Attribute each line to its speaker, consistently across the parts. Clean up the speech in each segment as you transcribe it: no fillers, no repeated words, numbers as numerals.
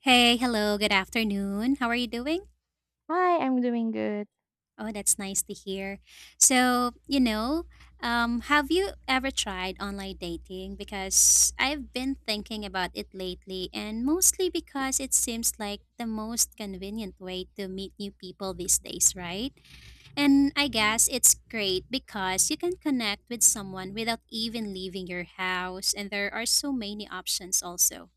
Speaker 1: Hey, hello, good afternoon. How are you doing?
Speaker 2: Hi, I'm doing good.
Speaker 1: Oh, that's nice to hear. So, you know, have you ever tried online dating? Because I've been thinking about it lately, and mostly because it seems like the most convenient way to meet new people these days, right? And I guess it's great because you can connect with someone without even leaving your house, and there are so many options also.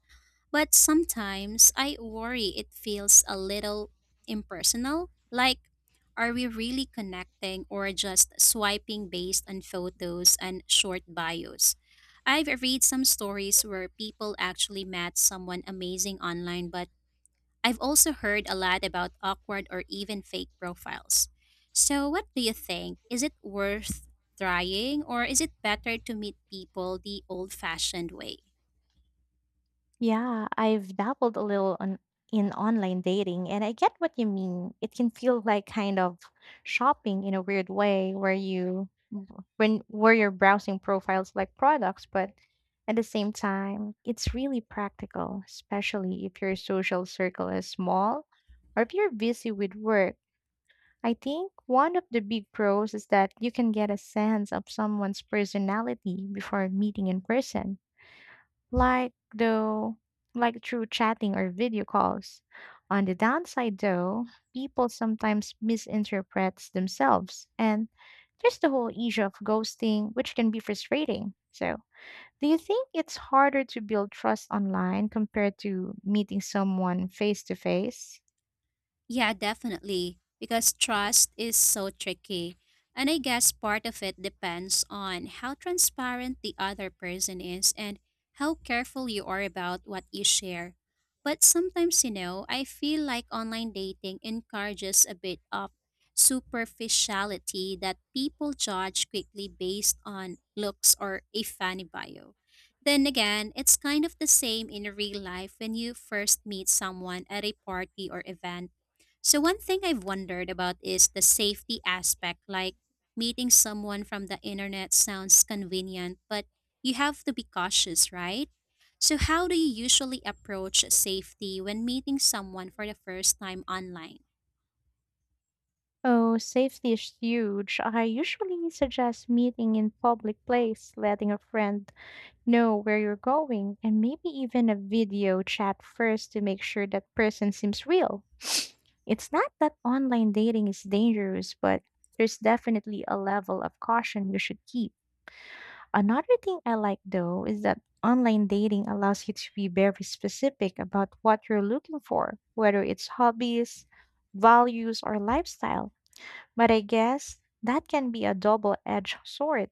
Speaker 1: But sometimes I worry it feels a little impersonal. Like, are we really connecting or just swiping based on photos and short bios? I've read some stories where people actually met someone amazing online, but I've also heard a lot about awkward or even fake profiles. So, what do you think? Is it worth trying, or is it better to meet people the old fashioned way?
Speaker 2: Yeah, I've dabbled a little on in online dating, and I get what you mean. It can feel like kind of shopping in a weird way where you when where you're browsing profiles like products, but at the same time, it's really practical, especially if your social circle is small or if you're busy with work. I think one of the big pros is that you can get a sense of someone's personality before meeting in person, like though like through chatting or video calls. On the downside though, people sometimes misinterpret themselves, and there's the whole issue of ghosting, which can be frustrating. So, do you think it's harder to build trust online compared to meeting someone face to face?
Speaker 1: Yeah, definitely, because trust is so tricky. And I guess part of it depends on how transparent the other person is and how careful you are about what you share. But sometimes, you know, I feel like online dating encourages a bit of superficiality that people judge quickly based on looks or a funny bio. Then again, it's kind of the same in real life when you first meet someone at a party or event, so one thing I've wondered about is the safety aspect. Like, meeting someone from the internet sounds convenient, but you have to be cautious, right? So how do you usually approach safety when meeting someone for the first time online?
Speaker 2: Oh, safety is huge. I usually suggest meeting in public place, letting a friend know where you're going, and maybe even a video chat first to make sure that person seems real. It's not that online dating is dangerous, but there's definitely a level of caution you should keep. Another thing I like though is that online dating allows you to be very specific about what you're looking for, whether it's hobbies, values, or lifestyle. But I guess that can be a double edged sword.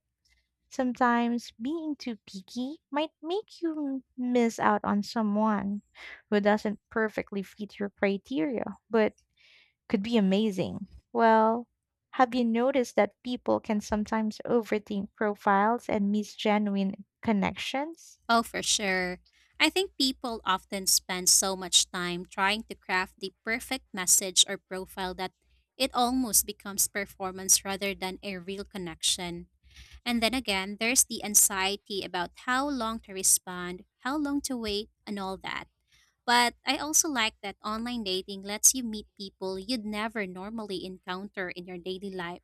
Speaker 2: Sometimes being too picky might make you miss out on someone who doesn't perfectly fit your criteria, but could be amazing. Well, have you noticed that people can sometimes overthink profiles and miss genuine connections?
Speaker 1: Oh, for sure. I think people often spend so much time trying to craft the perfect message or profile that it almost becomes performance rather than a real connection. And then again, there's the anxiety about how long to respond, how long to wait, and all that. But I also like that online dating lets you meet people you'd never normally encounter in your daily life.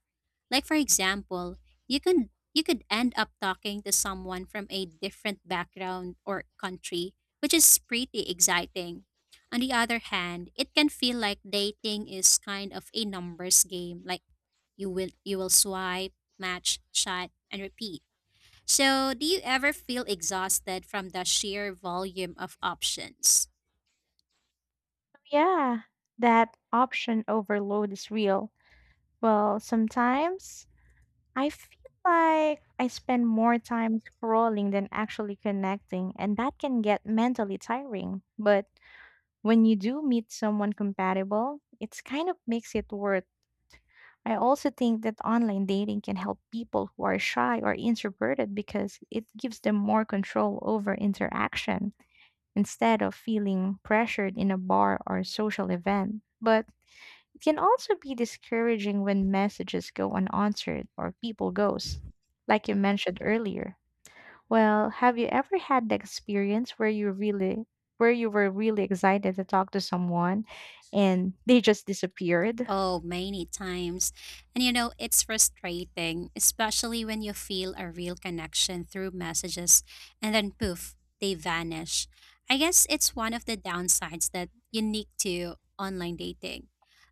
Speaker 1: Like for example, you could end up talking to someone from a different background or country, which is pretty exciting. On the other hand, it can feel like dating is kind of a numbers game, like you will swipe, match, chat, and repeat. So, do you ever feel exhausted from the sheer volume of options?
Speaker 2: Yeah, that option overload is real. Well, sometimes I feel like I spend more time scrolling than actually connecting, and that can get mentally tiring. But when you do meet someone compatible, it's kind of makes it worth. I also think that online dating can help people who are shy or introverted because it gives them more control over interaction instead of feeling pressured in a bar or social event. But it can also be discouraging when messages go unanswered or people ghost, like you mentioned earlier. Well, have you ever had the experience where you really where you were really excited to talk to someone and they just disappeared?
Speaker 1: Oh, many times. And you know, it's frustrating, especially when you feel a real connection through messages and then poof, they vanish. I guess it's one of the downsides that unique to online dating.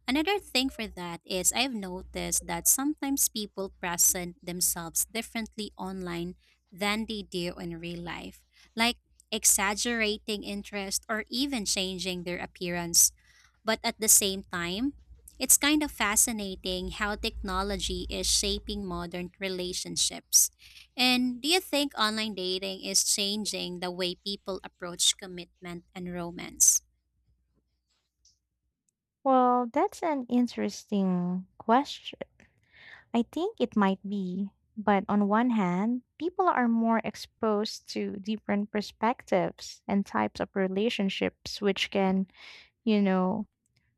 Speaker 1: Another thing for that is I've noticed that sometimes people present themselves differently online than they do in real life, like exaggerating interest or even changing their appearance, but at the same time, it's kind of fascinating how technology is shaping modern relationships. And do you think online dating is changing the way people approach commitment and romance?
Speaker 2: Well, that's an interesting question. I think it might be, but on one hand, people are more exposed to different perspectives and types of relationships, which can, you know,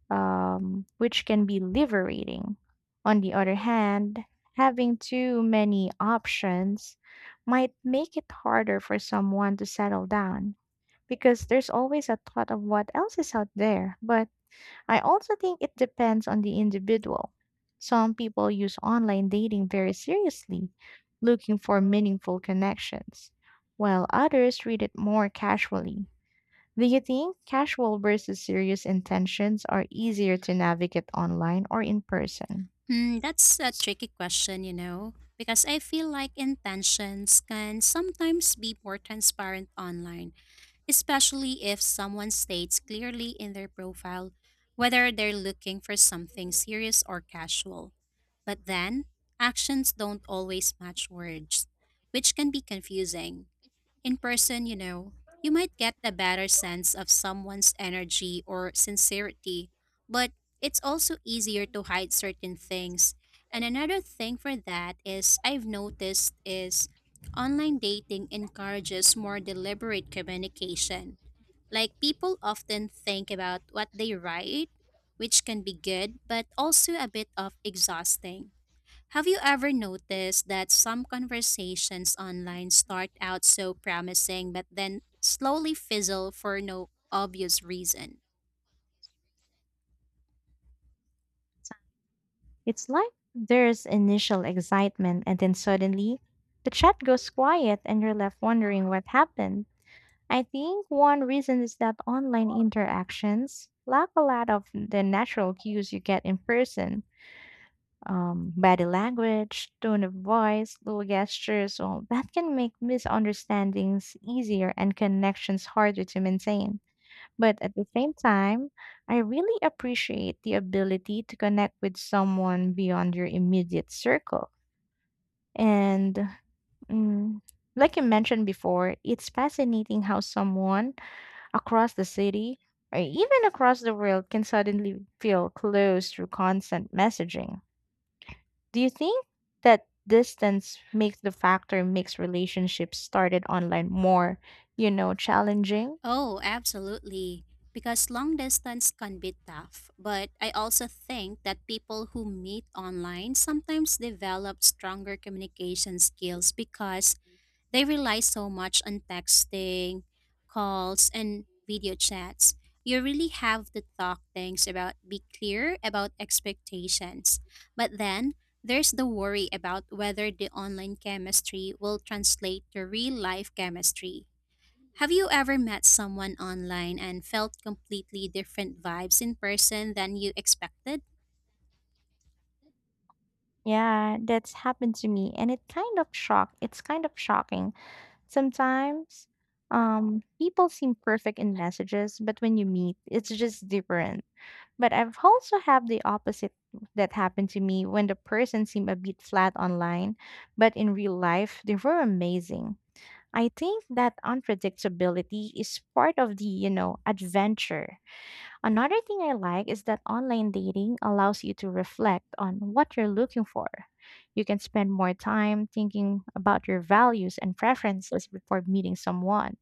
Speaker 2: which can be liberating. On the other hand, having too many options might make it harder for someone to settle down because there's always a thought of what else is out there. But I also think it depends on the individual. Some people use online dating very seriously, looking for meaningful connections, while others read it more casually. Do you think casual versus serious intentions are easier to navigate online or in person?
Speaker 1: Hmm, that's a tricky question, you know, because I feel like intentions can sometimes be more transparent online, especially if someone states clearly in their profile whether they're looking for something serious or casual. But then, actions don't always match words, which can be confusing. In person, you know, you might get a better sense of someone's energy or sincerity, but it's also easier to hide certain things. And another thing for that is I've noticed is online dating encourages more deliberate communication. Like people often think about what they write, which can be good, but also a bit of exhausting. Have you ever noticed that some conversations online start out so promising but then slowly fizzle for no obvious reason?
Speaker 2: It's like there's initial excitement and then suddenly the chat goes quiet and you're left wondering what happened. I think one reason is that online interactions lack a lot of the natural cues you get in person. Body language, tone of voice, little gestures, all that can make misunderstandings easier and connections harder to maintain. But at the same time, I really appreciate the ability to connect with someone beyond your immediate circle. And mm, like you mentioned before, it's fascinating how someone across the city or even across the world can suddenly feel close through constant messaging. Do you think that distance makes the factor makes relationships started online more, you know, challenging?
Speaker 1: Oh, absolutely. Because long distance can be tough, but I also think that people who meet online sometimes develop stronger communication skills because they rely so much on texting, calls, and video chats. You really have to talk things about, be clear about expectations. But then there's the worry about whether the online chemistry will translate to real life chemistry. Have you ever met someone online and felt completely different vibes in person than you expected?
Speaker 2: Yeah, that's happened to me and It's kind of shocking. Sometimes people seem perfect in messages, but when you meet, it's just different. But I've also have the opposite that happened to me when the person seemed a bit flat online, but in real life they were amazing. I think that unpredictability is part of the, you know, adventure. Another thing I like is that online dating allows you to reflect on what you're looking for. You can spend more time thinking about your values and preferences before meeting someone.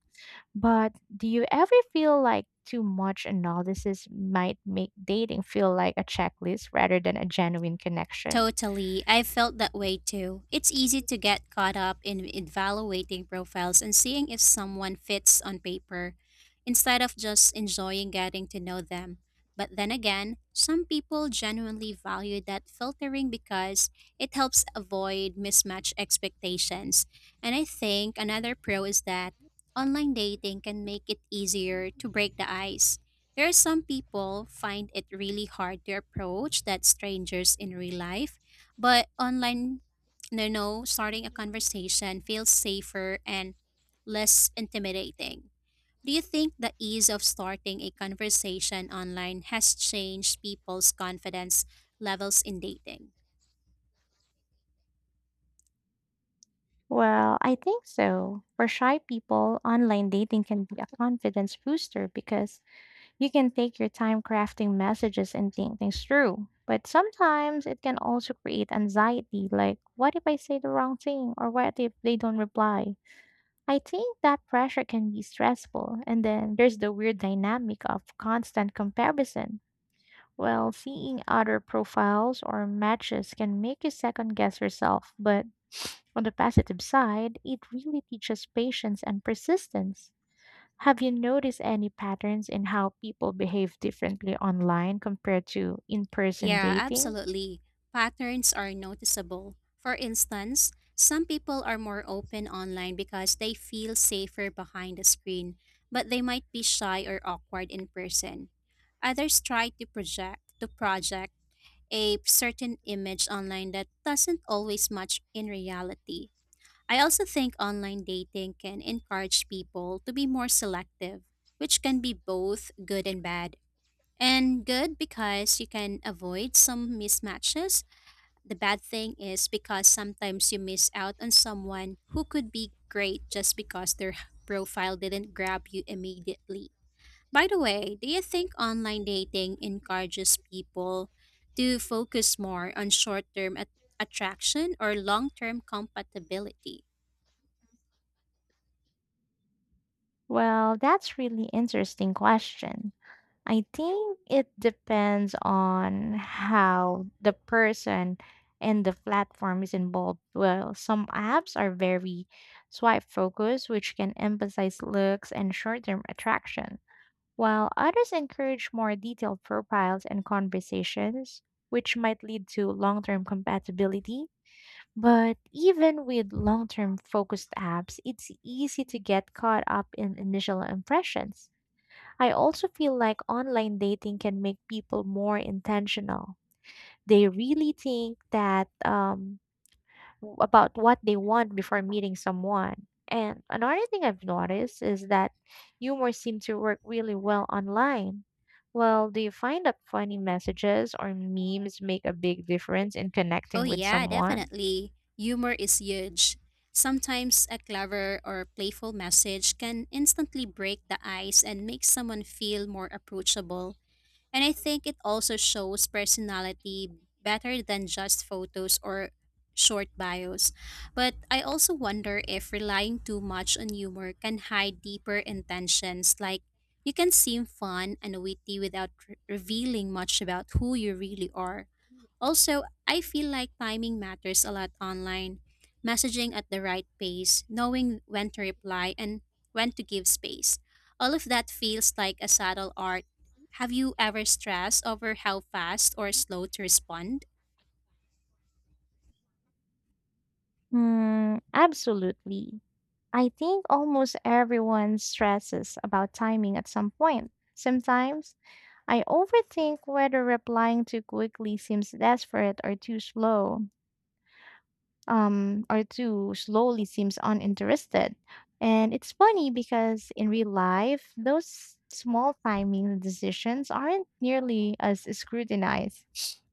Speaker 2: But do you ever feel like too much analysis might make dating feel like a checklist rather than a genuine connection?
Speaker 1: Totally. I felt that way too. It's easy to get caught up in evaluating profiles and seeing if someone fits on paper instead of just enjoying getting to know them. But then again, some people genuinely value that filtering because it helps avoid mismatched expectations. And I think another pro is that online dating can make it easier to break the ice. There are some people find it really hard to approach that strangers in real life, but online, no, no, starting a conversation feels safer and less intimidating. Do you think the ease of starting a conversation online has changed people's confidence levels in dating?
Speaker 2: Well, I think so. For shy people, online dating can be a confidence booster because you can take your time crafting messages and think things through, but sometimes it can also create anxiety, like, what if I say the wrong thing or what if they don't reply? I think that pressure can be stressful, and then there's the weird dynamic of constant comparison. Well, seeing other profiles or matches can make you second guess yourself, but on the positive side, it really teaches patience and persistence. Have you noticed any patterns in how people behave differently online compared to in person
Speaker 1: Yeah,
Speaker 2: dating?
Speaker 1: absolutely. Patterns are noticeable. For instance, some people are more open online because they feel safer behind the screen, but they might be shy or awkward in person. Others try to project a certain image online that doesn't always match in reality. I also think online dating can encourage people to be more selective, which can be both good and bad. And good because you can avoid some mismatches. The bad thing is because sometimes you miss out on someone who could be great just because their profile didn't grab you immediately. By the way, do you think online dating encourages people to focus more on short term attraction or long term compatibility?
Speaker 2: Well, that's really interesting question. I think it depends on how the person and the platform is involved. Well, some apps are very swipe focused, which can emphasize looks and short term attraction, while others encourage more detailed profiles and conversations, which might lead to long term compatibility. But even with long term focused apps, it's easy to get caught up in initial impressions. I also feel like online dating can make people more intentional. They really think that about what they want before meeting someone. And another thing I've noticed is that humor seems to work really well online. Well, do you find that funny messages or memes make a big difference in
Speaker 1: Oh,
Speaker 2: connecting with
Speaker 1: yeah,
Speaker 2: someone?
Speaker 1: definitely. Humor is huge. Sometimes a clever or playful message can instantly break the ice and make someone feel more approachable. And I think it also shows personality better than just photos or short bios. But I also wonder if relying too much on humor can hide deeper intentions, like you can seem fun and witty without revealing much about who you really are. Also, I feel like timing matters a lot online. Messaging at the right pace, knowing when to reply, and when to give space. All of that feels like a subtle art. Have you ever stressed over how fast or slow to respond?
Speaker 2: Hmm, absolutely. I think almost everyone stresses about timing at some point. Sometimes I overthink whether replying too quickly seems desperate or too slow. Or two slowly seems uninterested. And it's funny because in real life, those small timing decisions aren't nearly as scrutinized.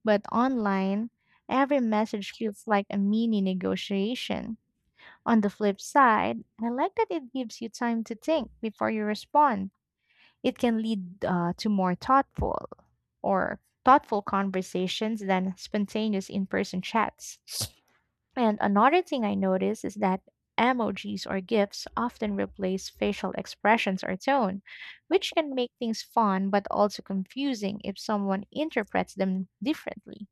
Speaker 2: But online, every message feels like a mini negotiation. On the flip side, I like that it gives you time to think before you respond. It can lead to more thoughtful or thoughtful conversations than spontaneous in person chats. And another thing I notice is that emojis or GIFs often replace facial expressions or tone, which can make things fun but also confusing if someone interprets them differently.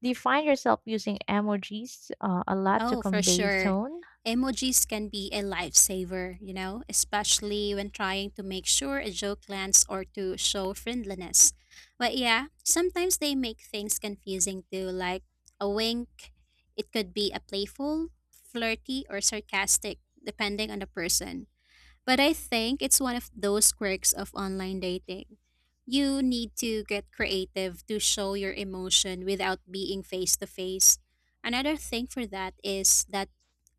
Speaker 2: Do you find yourself using emojis a lot to
Speaker 1: Oh, for
Speaker 2: convey
Speaker 1: sure.
Speaker 2: tone?
Speaker 1: Emojis can be a lifesaver, you know, especially when trying to make sure a joke lands or to show friendliness. But yeah, sometimes they make things confusing too, like a wink. It could be a playful, flirty, or sarcastic, depending on the person. But I think it's one of those quirks of online dating. You need to get creative to show your emotion without being face to face. Another thing for that is that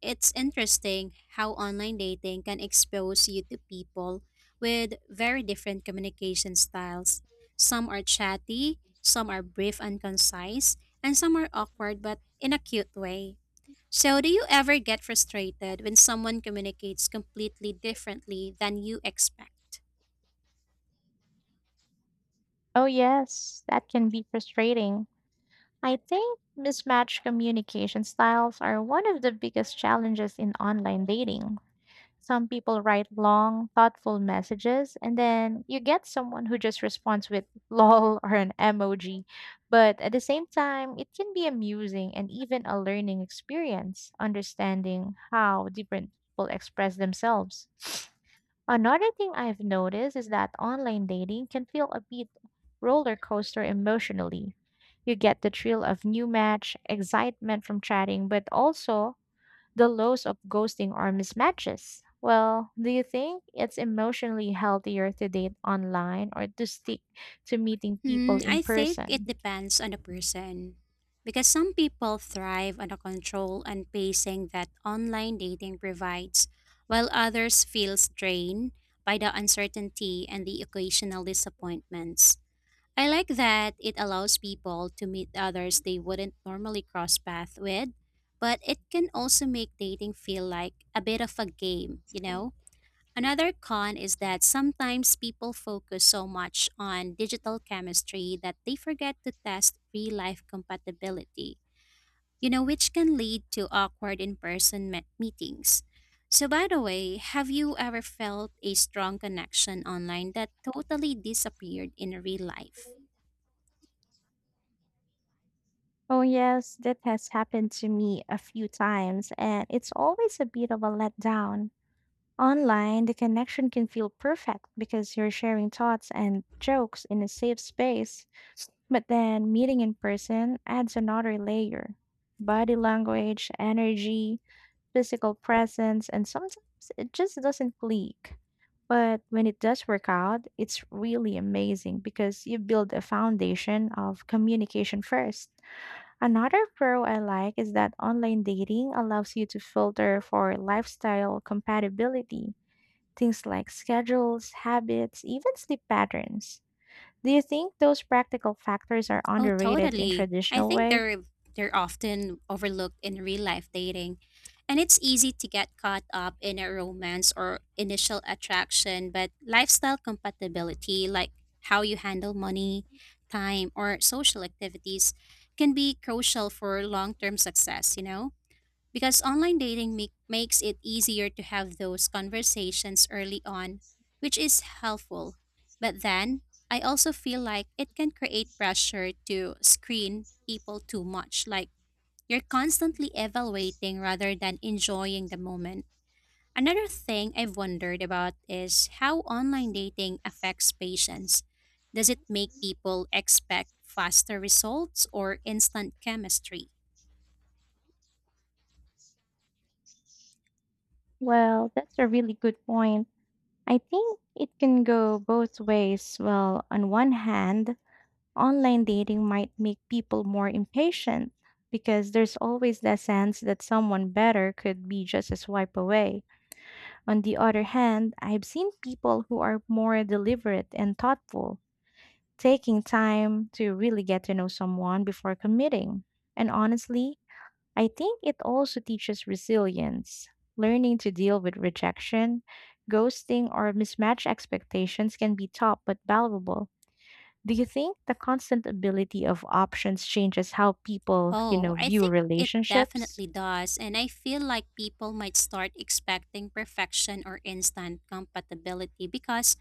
Speaker 1: it's interesting how online dating can expose you to people with very different communication styles. Some are chatty, some are brief and concise, and some are awkward but in a cute way. So, do you ever get frustrated when someone communicates completely differently than you expect?
Speaker 2: Oh, yes, that can be frustrating. I think mismatched communication styles are one of the biggest challenges in online dating. Some people write long, thoughtful messages, and then you get someone who just responds with lol or an emoji. But at the same time, it can be amusing and even a learning experience, understanding how different people express themselves. Another thing I've noticed is that online dating can feel a bit roller coaster emotionally. You get the thrill of new match, excitement from chatting, but also the laws of ghosting or mismatches. Well, do you think it's emotionally healthier to date online or to stick to meeting people
Speaker 1: Hmm,
Speaker 2: in
Speaker 1: I think it
Speaker 2: person?
Speaker 1: depends on the person. Because some people thrive on the control and pacing that online dating provides, while others feel drained by the uncertainty and the occasional disappointments. I like that it allows people to meet others they wouldn't normally cross paths with, but it can also make dating feel like a bit of a game, you know? Another con is that sometimes people focus so much on digital chemistry that they forget to test real life compatibility, you know, which can lead to awkward in person meetings. So, by the way, have you ever felt a strong connection online that totally disappeared in real life?
Speaker 2: Oh, yes, that has happened to me a few times, and it's always a bit of a letdown. Online, the connection can feel perfect because you're sharing thoughts and jokes in a safe space, but then meeting in person adds another layer, body language, energy, physical presence, and sometimes it just doesn't click. But when it does work out, it's really amazing because you build a foundation of communication first. Another pro I like is that online dating allows you to filter for lifestyle compatibility, things like schedules, habits, even sleep patterns. Do you think those practical factors are
Speaker 1: Oh,
Speaker 2: underrated in
Speaker 1: totally. I
Speaker 2: traditional
Speaker 1: think
Speaker 2: way?
Speaker 1: they're often overlooked in real life dating. And it's easy to get caught up in a romance or initial attraction, but lifestyle compatibility, like how you handle money, time, or social activities, can be crucial for long-term success, you know? Because online makes it easier to have those conversations early on, which is helpful. But then, I also feel like it can create pressure to screen people too much, like you're constantly evaluating rather than enjoying the moment. Another thing I've wondered about is how online dating affects patience. Does it make people expect faster results or instant chemistry?
Speaker 2: Well, that's a really good point. I think it can go both ways. Well, on one hand, online dating might make people more impatient because there's always the sense that someone better could be just a swipe away. On the other hand, I've seen people who are more deliberate and thoughtful, taking time to really get to know someone before committing. And honestly, I think it also teaches resilience. Learning to deal with rejection, ghosting, or mismatched expectations can be tough but valuable. Do you think the constant ability of options changes how people, you
Speaker 1: Oh,
Speaker 2: know,
Speaker 1: I
Speaker 2: view
Speaker 1: think it
Speaker 2: relationships?
Speaker 1: definitely does. And I feel like people might start expecting perfection or instant compatibility because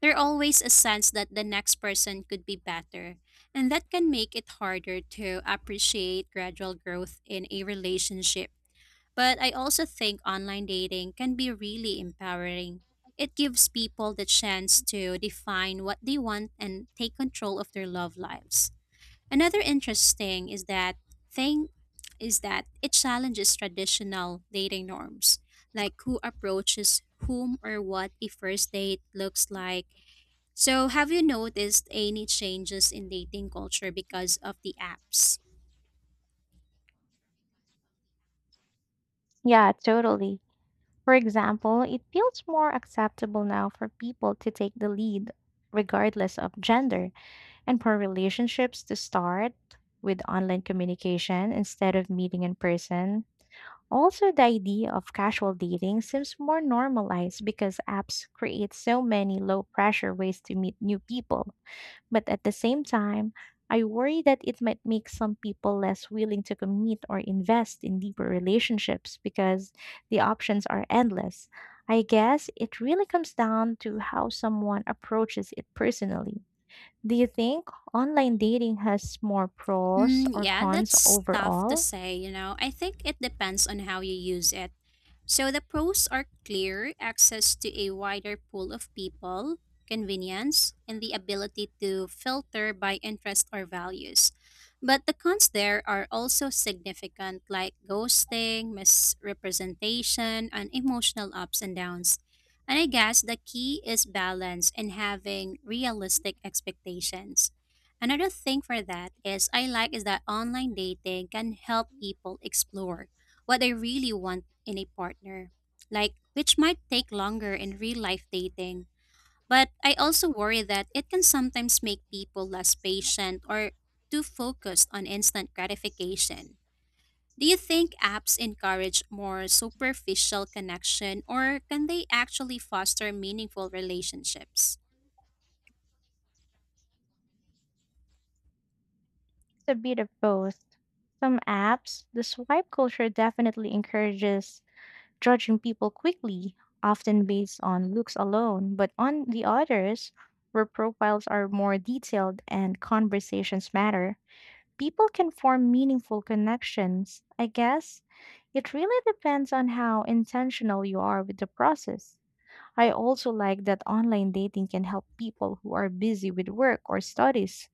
Speaker 1: there's always a sense that the next person could be better. And that can make it harder to appreciate gradual growth in a relationship. But I also think online dating can be really empowering. It gives people the chance to define what they want and take control of their love lives. Another interesting is that thing is that it challenges traditional dating norms, like who approaches whom or what a first date looks like. So, have you noticed any changes in dating culture because of the apps?
Speaker 2: Yeah, totally. For example, it feels more acceptable now for people to take the lead, regardless of gender, and for relationships to start with online communication instead of meeting in person. Also, the idea of casual dating seems more normalized because apps create so many low pressure ways to meet new people. But at the same time, I worry that it might make some people less willing to commit or invest in deeper relationships because the options are endless. I guess it really comes down to how someone approaches it personally. Do you think online dating has more pros
Speaker 1: Mm,
Speaker 2: or
Speaker 1: yeah,
Speaker 2: cons
Speaker 1: that's tough to
Speaker 2: overall?
Speaker 1: say, you know. I think it depends on how you use it. So the pros are clear access to a wider pool of people, convenience, and the ability to filter by interest or values. But the cons there are also significant, like ghosting, misrepresentation, and emotional ups and downs. And I guess the key is balance and having realistic expectations. Another thing for that is I like is that online dating can help people explore what they really want in a partner, like which might take longer in real life dating. But I also worry that it can sometimes make people less patient or too focused on instant gratification. Do you think apps encourage more superficial connection or can they actually foster meaningful relationships?
Speaker 2: It's a bit of both. Some apps, the swipe culture definitely encourages judging people quickly, often based on looks alone, but on the others, where profiles are more detailed and conversations matter, people can form meaningful connections. I guess it really depends on how intentional you are with the process. I also like that online dating can help people who are busy with work or studies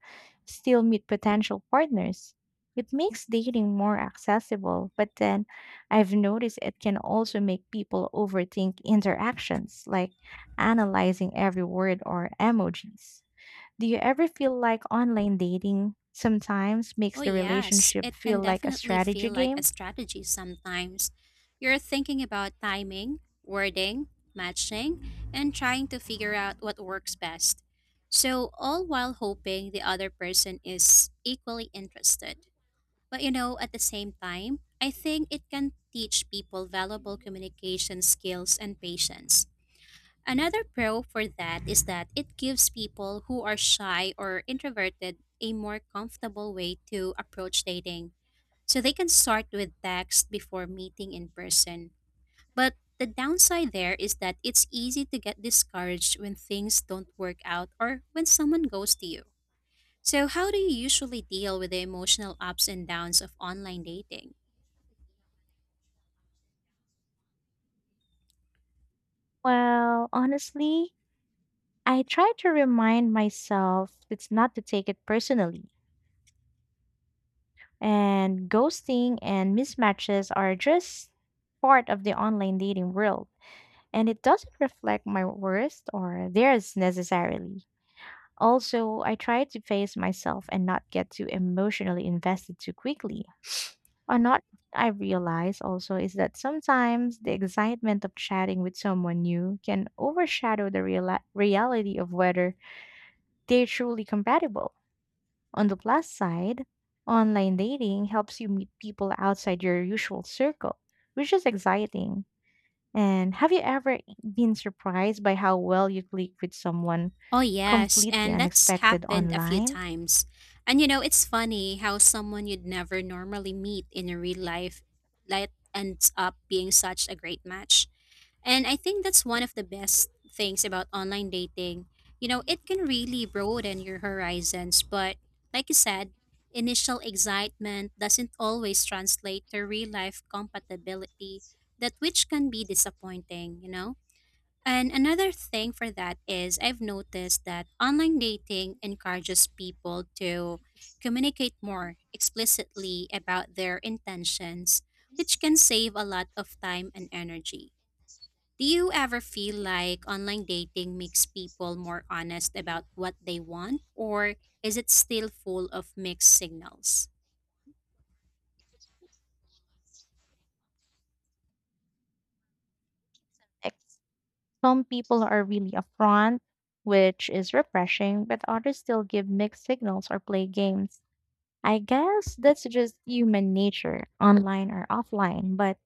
Speaker 2: still meet potential partners. It makes dating more accessible, but then I've noticed it can also make people overthink interactions, like analyzing every word or emojis. Do you ever feel like online dating sometimes makes
Speaker 1: Oh,
Speaker 2: the
Speaker 1: yes,
Speaker 2: relationship
Speaker 1: it can
Speaker 2: feel like a
Speaker 1: definitely
Speaker 2: strategy
Speaker 1: feel like a
Speaker 2: game?
Speaker 1: strategy sometimes. You're thinking about timing, wording, matching, and trying to figure out what works best. So, all while hoping the other person is equally interested. But you know, at the same time, I think it can teach people valuable communication skills and patience. Another pro for that is that it gives people who are shy or introverted a more comfortable way to approach dating. So they can start with text before meeting in person. But the downside there is that it's easy to get discouraged when things don't work out or when someone goes to you. So, how do you usually deal with the emotional ups and downs of online dating?
Speaker 2: Well, honestly, I try to remind myself it's not to take it personally. And ghosting and mismatches are just part of the online dating world, and it doesn't reflect my worth or theirs necessarily. Also, I try to face myself and not get too emotionally invested too quickly. Another thing I realize also is that sometimes the excitement of chatting with someone new can overshadow the reality of whether they're truly compatible. On the plus side, online dating helps you meet people outside your usual circle, which is exciting. And have you ever been surprised by how well you click with someone
Speaker 1: Oh, yes.
Speaker 2: completely
Speaker 1: And that's
Speaker 2: unexpected
Speaker 1: happened a few
Speaker 2: online?
Speaker 1: times. And you know, it's funny how someone you'd never normally meet in a real life like ends up being such a great match. And I think that's one of the best things about online dating. You know, it can really broaden your horizons, but like you said, initial excitement doesn't always translate to real life compatibility, that which can be disappointing, you know? And another thing for that is I've noticed that online dating encourages people to communicate more explicitly about their intentions, which can save a lot of time and energy. Do you ever feel like online dating makes people more honest about what they want, or is it still full of mixed signals?
Speaker 2: Like, Some people are really upfront, which is refreshing, but others still give mixed signals or play games. I guess that's just human nature, online or offline, but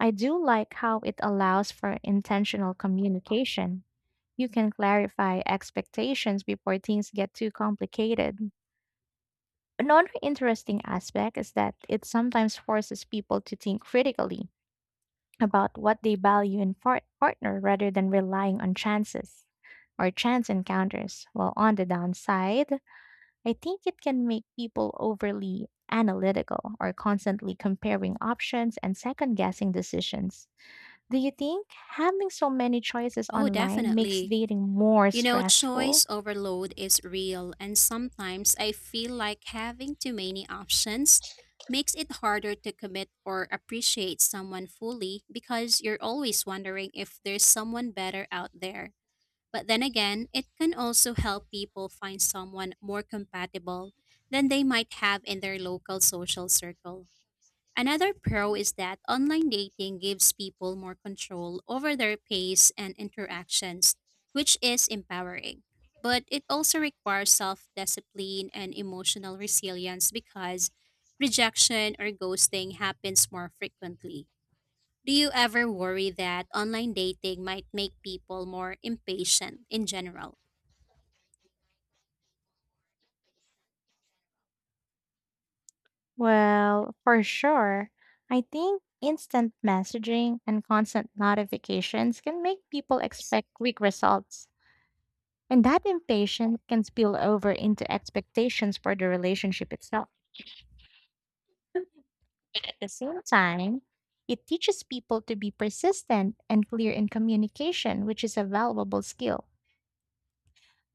Speaker 2: I do like how it allows for intentional communication. You can clarify expectations before things get too complicated. Another interesting aspect is that it sometimes forces people to think critically about what they value in partner rather than relying on chances or chance encounters. While on the downside, I think it can make people overly analytical or constantly comparing options and second guessing decisions. Do you think having so many choices
Speaker 1: Oh,
Speaker 2: online makes
Speaker 1: definitely.
Speaker 2: dating more
Speaker 1: You know,
Speaker 2: stressful?
Speaker 1: choice overload is real, and sometimes I feel like having too many options makes it harder to commit or appreciate someone fully because you're always wondering if there's someone better out there. But then again, it can also help people find someone more compatible than they might have in their local social circle. Another pro is that online dating gives people more control over their pace and interactions, which is empowering. But it also requires self discipline and emotional resilience because rejection or ghosting happens more frequently. Do you ever worry that online dating might make people more impatient in general?
Speaker 2: Well, for sure. I think instant messaging and constant notifications can make people expect quick results, and that impatience can spill over into expectations for the relationship itself. At the same time, it teaches people to be persistent and clear in communication, which is a valuable skill.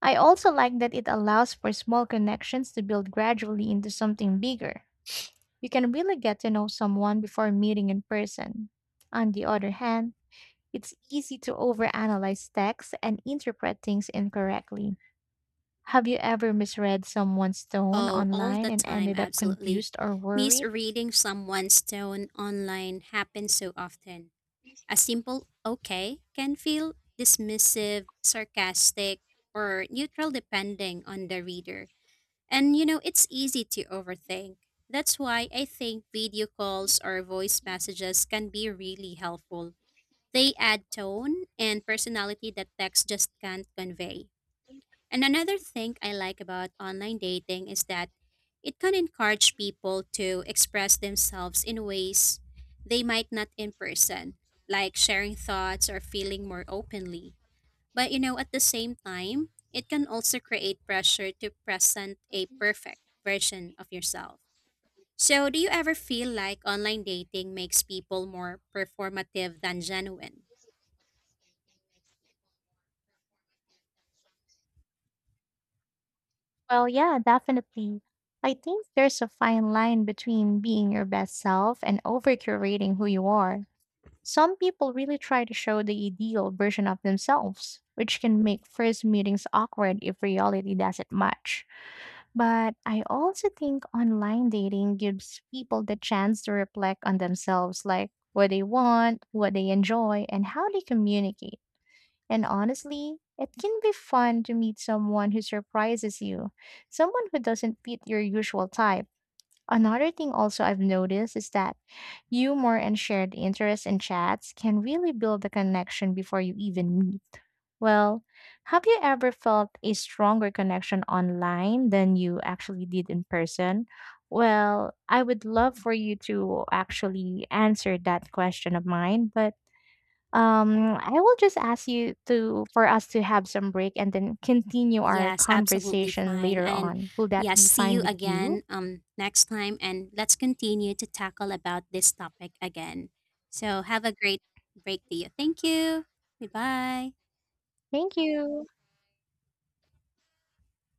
Speaker 2: I also like that it allows for small connections to build gradually into something bigger. You can really get to know someone before meeting in person. On the other hand, it's easy to overanalyze texts and interpret things incorrectly. Have you ever misread someone's tone
Speaker 1: Oh, all
Speaker 2: online
Speaker 1: the
Speaker 2: and
Speaker 1: time,
Speaker 2: ended up
Speaker 1: absolutely.
Speaker 2: confused or worried?
Speaker 1: Misreading someone's tone online happens so often. A simple okay can feel dismissive, sarcastic, or neutral depending on the reader. And you know, it's easy to overthink. That's why I think video calls or voice messages can be really helpful. They add tone and personality that text just can't convey. And another thing I like about online dating is that it can encourage people to express themselves in ways they might not in person, like sharing thoughts or feeling more openly. But you know, at the same time, it can also create pressure to present a perfect version of yourself. So, do you ever feel like online dating makes people more performative than genuine?
Speaker 2: Well, yeah, definitely. I think there's a fine line between being your best self and over curating who you are. Some people really try to show the ideal version of themselves, which can make first meetings awkward if reality doesn't match. But I also think online dating gives people the chance to reflect on themselves, like what they want, what they enjoy, and how they communicate. And honestly, it can be fun to meet someone who surprises you, someone who doesn't fit your usual type. Another thing also I've noticed is that humor and shared interests in chats can really build the connection before you even meet. Well, have you ever felt a stronger connection online than you actually did in person? Well, I would love for you to actually answer that question of mine, but I will just ask you to for us to have some break and then continue our
Speaker 1: Yes, absolutely
Speaker 2: conversation
Speaker 1: fine.
Speaker 2: later
Speaker 1: And
Speaker 2: on. Will that
Speaker 1: yes,
Speaker 2: be
Speaker 1: see
Speaker 2: fine
Speaker 1: you
Speaker 2: with you?
Speaker 1: again next time and let's continue to tackle about this topic again. So have a great break to you. Thank you. Goodbye.
Speaker 2: Thank you.